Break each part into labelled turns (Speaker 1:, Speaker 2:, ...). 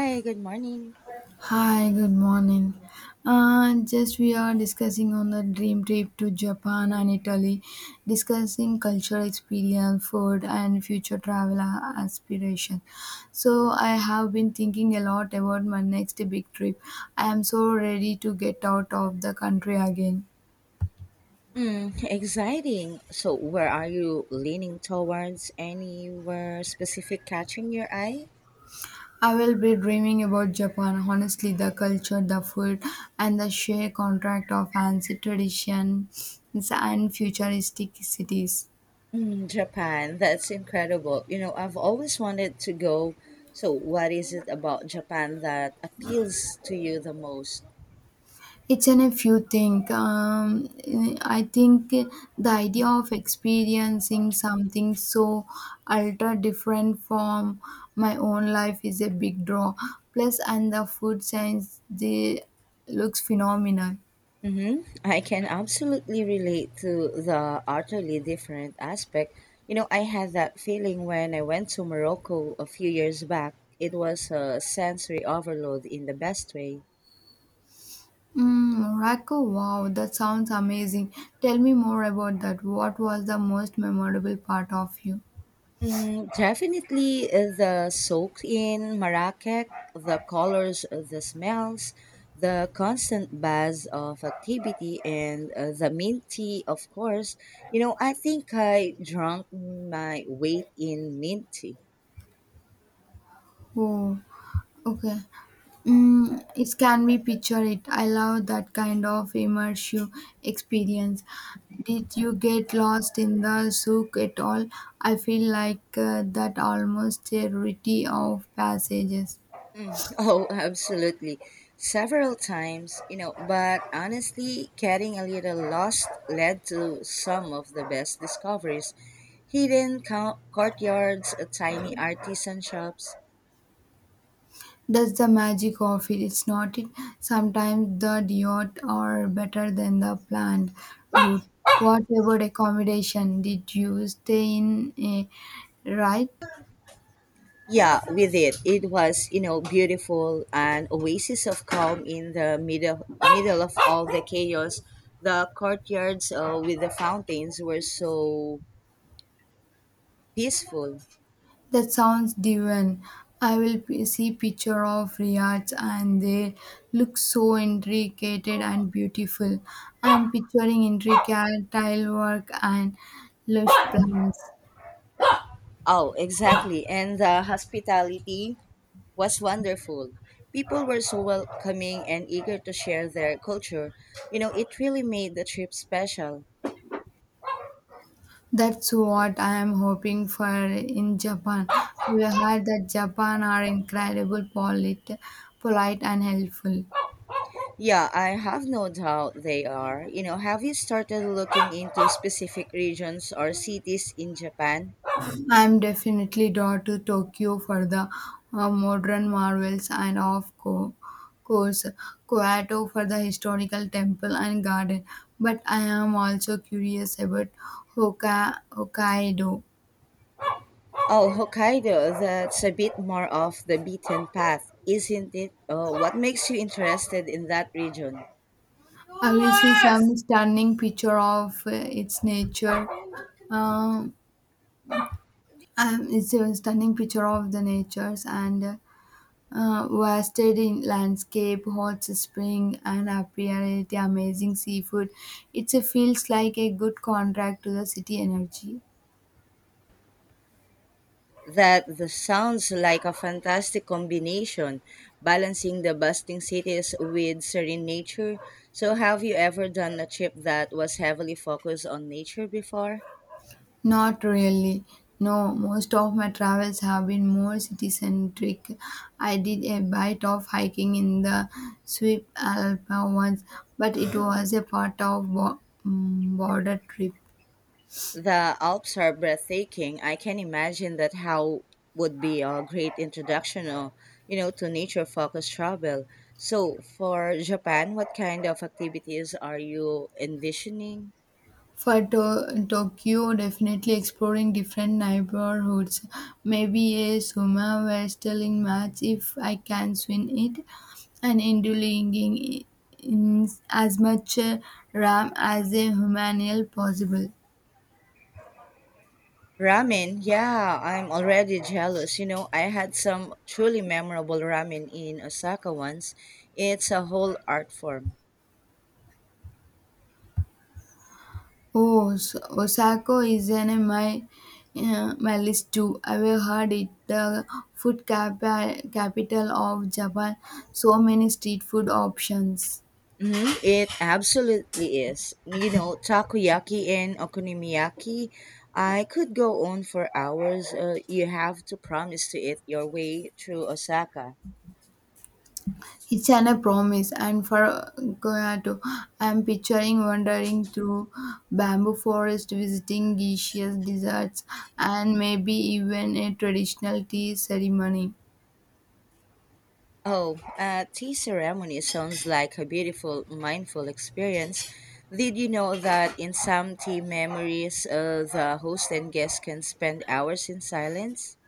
Speaker 1: Hi, good morning.
Speaker 2: Hi, good morning. Just we are discussing on the dream trip to Japan and Italy, discussing cultural experience, food, and future travel aspiration. So I have been thinking a lot about my next big trip. I am so ready to get out of the country again.
Speaker 1: Mm, exciting. So, where are you leaning towards? Anywhere specific catching your eye?
Speaker 2: I will be dreaming about Japan. Honestly, the culture, the food, and the sheer contract of fancy traditions and futuristic cities.
Speaker 1: Mm, Japan. That's incredible. You know, I've always wanted to go. So, what is it about Japan that appeals to you the most?
Speaker 2: It's an if you think. I think the idea of experiencing something so ultra different from my own life is a big draw. Plus, and the food science, they looks phenomenal.
Speaker 1: Mm-hmm. I can absolutely relate to the utterly different aspect. You know, I had that feeling when I went to Morocco a few years back. It was a sensory overload in the best way.
Speaker 2: Mm, Morocco, wow, that sounds amazing. Tell me more about that. What was the most memorable part of you?
Speaker 1: Mm, definitely the soak in Marrakech, the colors, the smells, the constant buzz of activity, and the milk tea, of course. You know, I think I drank my weight in mint tea.
Speaker 2: Oh. Okay. Mm, it can be picture it. I love that kind of immersive experience. Did you get lost in the souk at all? I feel like that almost a rarity of passages.
Speaker 1: Oh, absolutely. Several times, you know, but honestly, getting a little lost led to some of the best discoveries. Hidden courtyards, tiny artisan shops.
Speaker 2: That's the magic of it. It's not it. Sometimes the yacht are better than the planned route. What about accommodation? Did you stay in a right?
Speaker 1: Yeah, we did. It was, you know, beautiful, an oasis of calm in the middle of all the chaos. The courtyards with the fountains were so peaceful.
Speaker 2: That sounds divine. I will see picture of Riyadh and they look so intricate and beautiful. I'm picturing intricate tile work and lush plants.
Speaker 1: Oh, exactly. And the hospitality was wonderful. People were so welcoming and eager to share their culture. You know, it really made the trip special.
Speaker 2: That's what I am hoping for in Japan. We heard that Japan are incredible polite, polite and helpful.
Speaker 1: Yeah, I have no doubt they are. You know, have you started looking into specific regions or cities in Japan?
Speaker 2: I'm definitely drawn to Tokyo for the modern marvels and course Kyoto for the historical temple and garden. But I am also curious about Hokkaido.
Speaker 1: Oh, Hokkaido, that's a bit more off the beaten path, isn't it? Oh, what makes you interested in that region?
Speaker 2: I will see some stunning picture of its nature. Um, it's a stunning picture of the natures and wasted in landscape, hot spring, and apparently amazing seafood. It feels like a good contract to the city energy.
Speaker 1: That the sounds like a fantastic combination, balancing the bustling cities with serene nature. So, have you ever done a trip that was heavily focused on nature before?
Speaker 2: Not really. No, most of my travels have been more city centric. I did a bite of hiking in the Swiss Alps once, but it was a part of border trip.
Speaker 1: The Alps are breathtaking. I can imagine that how would be a great introduction, you know, to nature-focused travel. So, for Japan, what kind of activities are you envisioning?
Speaker 2: For Tokyo, definitely exploring different neighborhoods. Maybe a sumo wrestling match if I can swing it, and indulging in as much ram as a humanly possible.
Speaker 1: Ramen, yeah, I'm already jealous. You know, I had some truly memorable ramen in Osaka once. It's a whole art form.
Speaker 2: Oh, so Osaka is in my my list too. I have heard it the food capital of Japan. So many street food options.
Speaker 1: Mhm. It absolutely is. You know, takoyaki and okonomiyaki, I could go on for hours. You have to promise to eat your way through Osaka.
Speaker 2: It's an a promise, and for Goyato, I'm picturing wandering through bamboo forest, visiting geishas, deserts, and maybe even a traditional tea ceremony.
Speaker 1: Oh, tea ceremony sounds like a beautiful, mindful experience. Did you know that in some tea memories, the host and guest can spend hours in silence?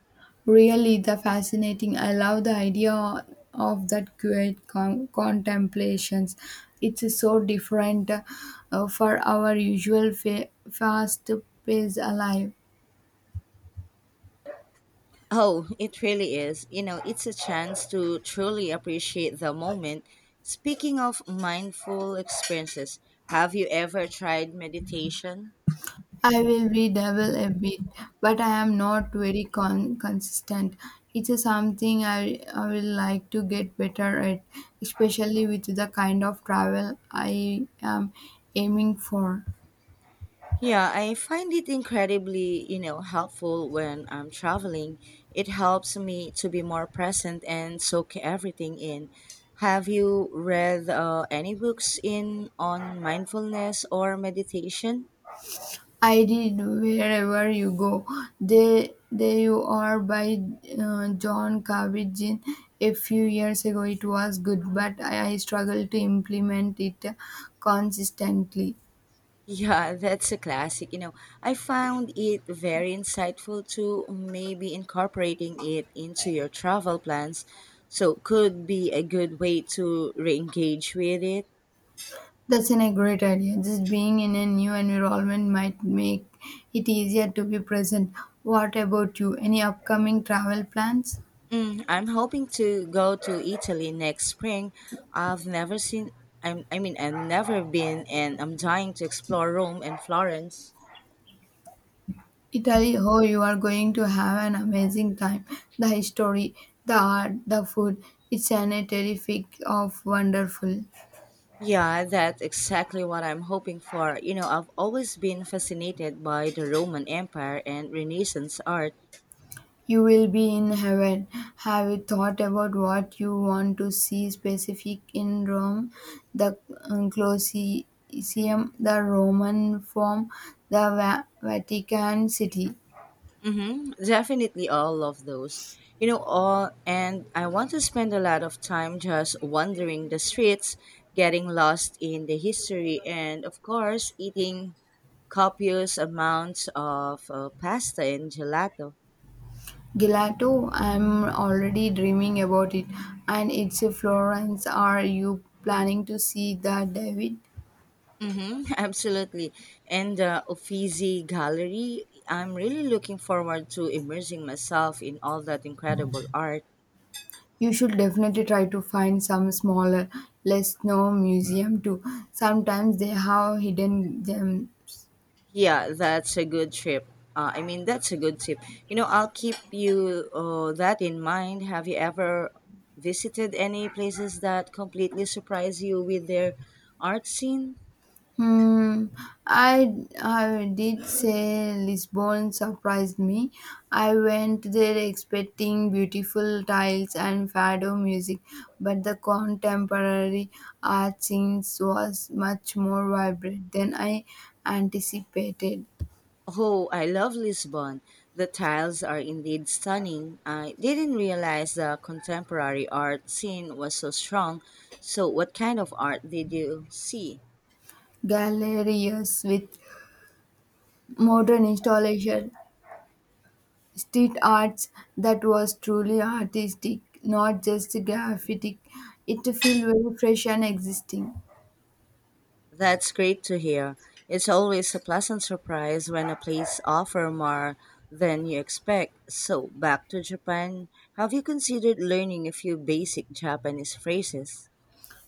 Speaker 2: Really, the fascinating. I love the idea of that quiet contemplations. It's so different for our usual fast-paced life.
Speaker 1: Oh, it really is. You know, it's a chance to truly appreciate the moment. Speaking of mindful experiences, have you ever tried meditation?
Speaker 2: I will redouble a bit, but I am not very consistent. It's a something I will like to get better at, especially with the kind of travel I am aiming for.
Speaker 1: Yeah, I find it incredibly, you know, helpful when I'm traveling. It helps me to be more present and soak everything in. Have you read any books in on mindfulness or meditation?
Speaker 2: I did wherever you go. There you are by John Kabat-Zinn. A few years ago, it was good, but I struggled to implement it consistently.
Speaker 1: Yeah, that's a classic. You know, I found it very insightful to maybe incorporating it into your travel plans. So, could be a good way to re engage with it.
Speaker 2: That's an a great idea. Just being in a new environment might make it easier to be present. What about you? Any upcoming travel plans?
Speaker 1: Mm, I'm hoping to go to Italy next spring. I've never seen, I've never been, and I'm dying to explore Rome and Florence.
Speaker 2: Italy, oh, you are going to have an amazing time. The history, the art, the food. It's an a terrific of wonderful.
Speaker 1: Yeah, that's exactly what I'm hoping for. You know, I've always been fascinated by the Roman Empire and Renaissance art.
Speaker 2: You will be in heaven. Have you thought about what you want to see specific in Rome? The Colosseum, the Roman Forum, the Vatican City.
Speaker 1: Mm-hmm. Definitely all of those. You know, all and I want to spend a lot of time just wandering the streets, getting lost in the history, and of course, eating copious amounts of pasta and gelato.
Speaker 2: Gelato, I'm already dreaming about it. And it's a Florence. Are you planning to see that, David?
Speaker 1: Mm-hmm, absolutely. And the Uffizi Gallery, I'm really looking forward to immersing myself in all that incredible art.
Speaker 2: You should definitely try to find some smaller, less known museum too. Sometimes they have hidden gems.
Speaker 1: Yeah, that's a good trip. That's a good tip. You know, I'll keep you that in mind. Have you ever visited any places that completely surprise you with their art scene?
Speaker 2: Hmm. I I did say Lisbon surprised me. I went there expecting beautiful tiles and fado music, but the contemporary art scene was much more vibrant than I anticipated.
Speaker 1: Oh, I love Lisbon. The tiles are indeed stunning. I didn't realize the contemporary art scene was so strong. So, what kind of art did you see?
Speaker 2: Galleries with modern installation, street arts that was truly artistic, not just graphic. It felt very fresh and existing.
Speaker 1: That's great to hear. It's always a pleasant surprise when a place offers more than you expect. So, back to Japan. Have you considered learning a few basic Japanese phrases?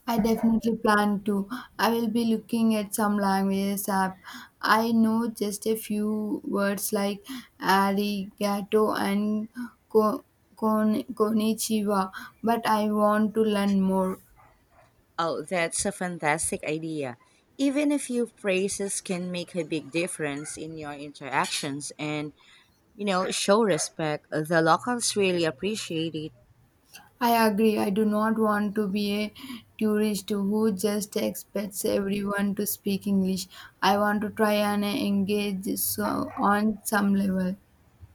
Speaker 2: I definitely plan to. I will be looking at some languages app. I know just a few words like arigato and ko- konnichiwa, but I want to learn more.
Speaker 1: Oh, that's a fantastic idea. Even a few phrases can make a big difference in your interactions and, you know, show respect. The locals really appreciate it.
Speaker 2: I agree. I do not want to be a tourist who just expects everyone to speak English. I want to try and engage so on some level.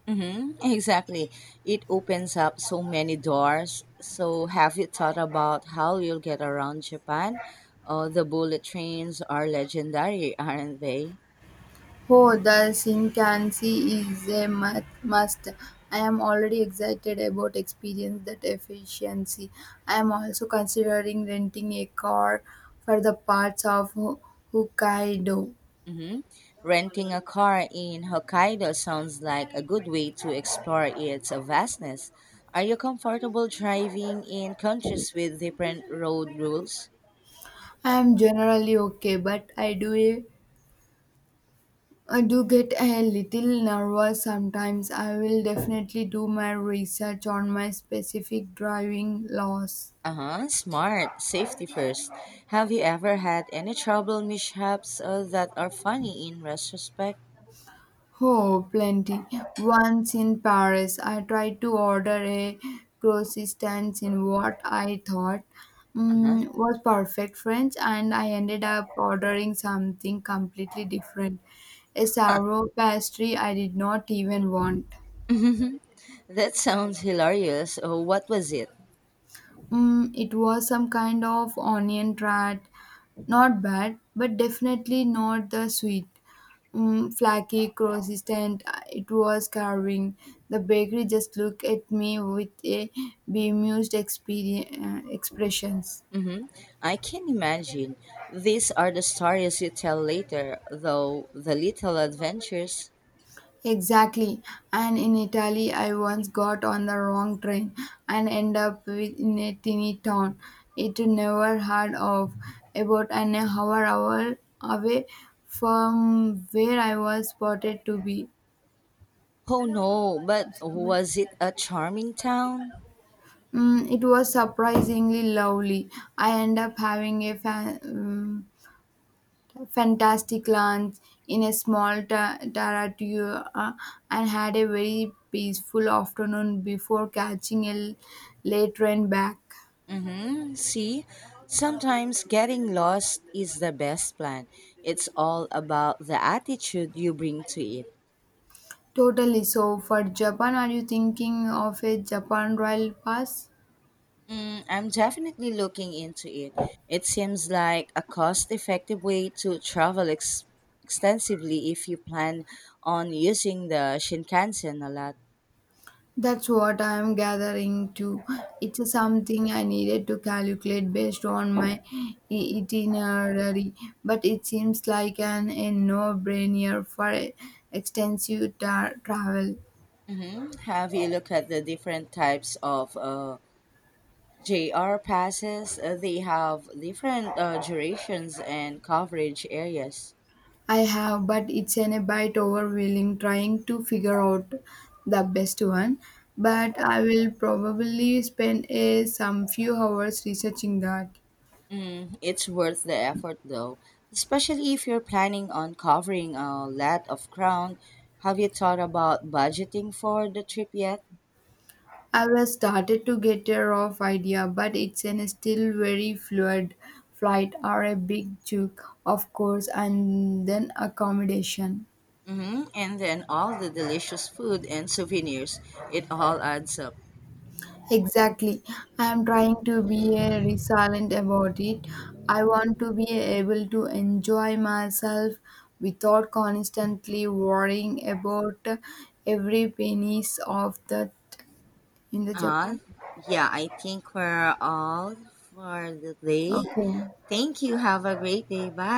Speaker 1: Mm-hmm, exactly. It opens up so many doors. So, have you thought about how you'll get around Japan? The bullet trains are legendary, aren't they?
Speaker 2: Oh, the Shinkansen is a must. I am already excited about experience that efficiency. I am also considering renting a car for the parts of Hokkaido.
Speaker 1: Mm-hmm. Renting a car in Hokkaido sounds like a good way to explore its vastness. Are you comfortable driving in countries with different road rules?
Speaker 2: I am generally okay, but I do get a little nervous sometimes. I will definitely do my research on my specific driving laws.
Speaker 1: Uh huh. Smart. Safety first. Have you ever had any trouble mishaps that are funny in retrospect?
Speaker 2: Oh, plenty. Once in Paris, I tried to order a croissant in what I thought
Speaker 1: Uh-huh.
Speaker 2: was perfect French, and I ended up ordering something completely different. A sourdough pastry I did not even want.
Speaker 1: That sounds hilarious. Oh, what was it?
Speaker 2: Mm, it was some kind of onion rat. Not bad, but definitely not the sweet. Flaky, consistent. It was carving. The bakery just looked at me with a bemused expressions.
Speaker 1: Mm-hmm. I can imagine. These are the stories you tell later, though the little adventures.
Speaker 2: Exactly. And in Italy, I once got on the wrong train and end up with in a teeny town. It never heard of about an hour away from where I was spotted to be.
Speaker 1: Oh no, but was it a charming town?
Speaker 2: Mm, it was surprisingly lovely. I end up having a fantastic lunch in a small taratio and had a very peaceful afternoon before catching a late train back.
Speaker 1: Mm-hmm. See, sometimes getting lost is the best plan. It's all about the attitude you bring to it.
Speaker 2: Totally. So for Japan, are you thinking of a Japan Rail Pass?
Speaker 1: Mm, I'm definitely looking into it. It seems like a cost effective way to travel extensively if you plan on using the Shinkansen a lot.
Speaker 2: That's what I am gathering too. It's something I needed to calculate based on my itinerary, but it seems like an a no-brainer for extensive travel.
Speaker 1: Hmm. Have you looked at the different types of JR passes? They have different durations and coverage areas.
Speaker 2: I have, but it's an a bit overwhelming trying to figure out the best one. But I will probably spend a some few hours researching that.
Speaker 1: Mm, it's worth the effort though, especially if you're planning on covering a lot of ground. Have you thought about budgeting for the trip yet?
Speaker 2: I have started to get a rough idea, but it's an still very fluid flight or a big chunk, of course, and then accommodation.
Speaker 1: Mm-hmm. And then all the delicious food and souvenirs, it all adds up.
Speaker 2: Exactly. I am trying to be a resilient about it. I want to be able to enjoy myself without constantly worrying about every pennies of that in the
Speaker 1: Uh,
Speaker 2: Japan.
Speaker 1: yeah, I think we're all for the day.
Speaker 2: Okay.
Speaker 1: Thank you. Have a great day. Bye.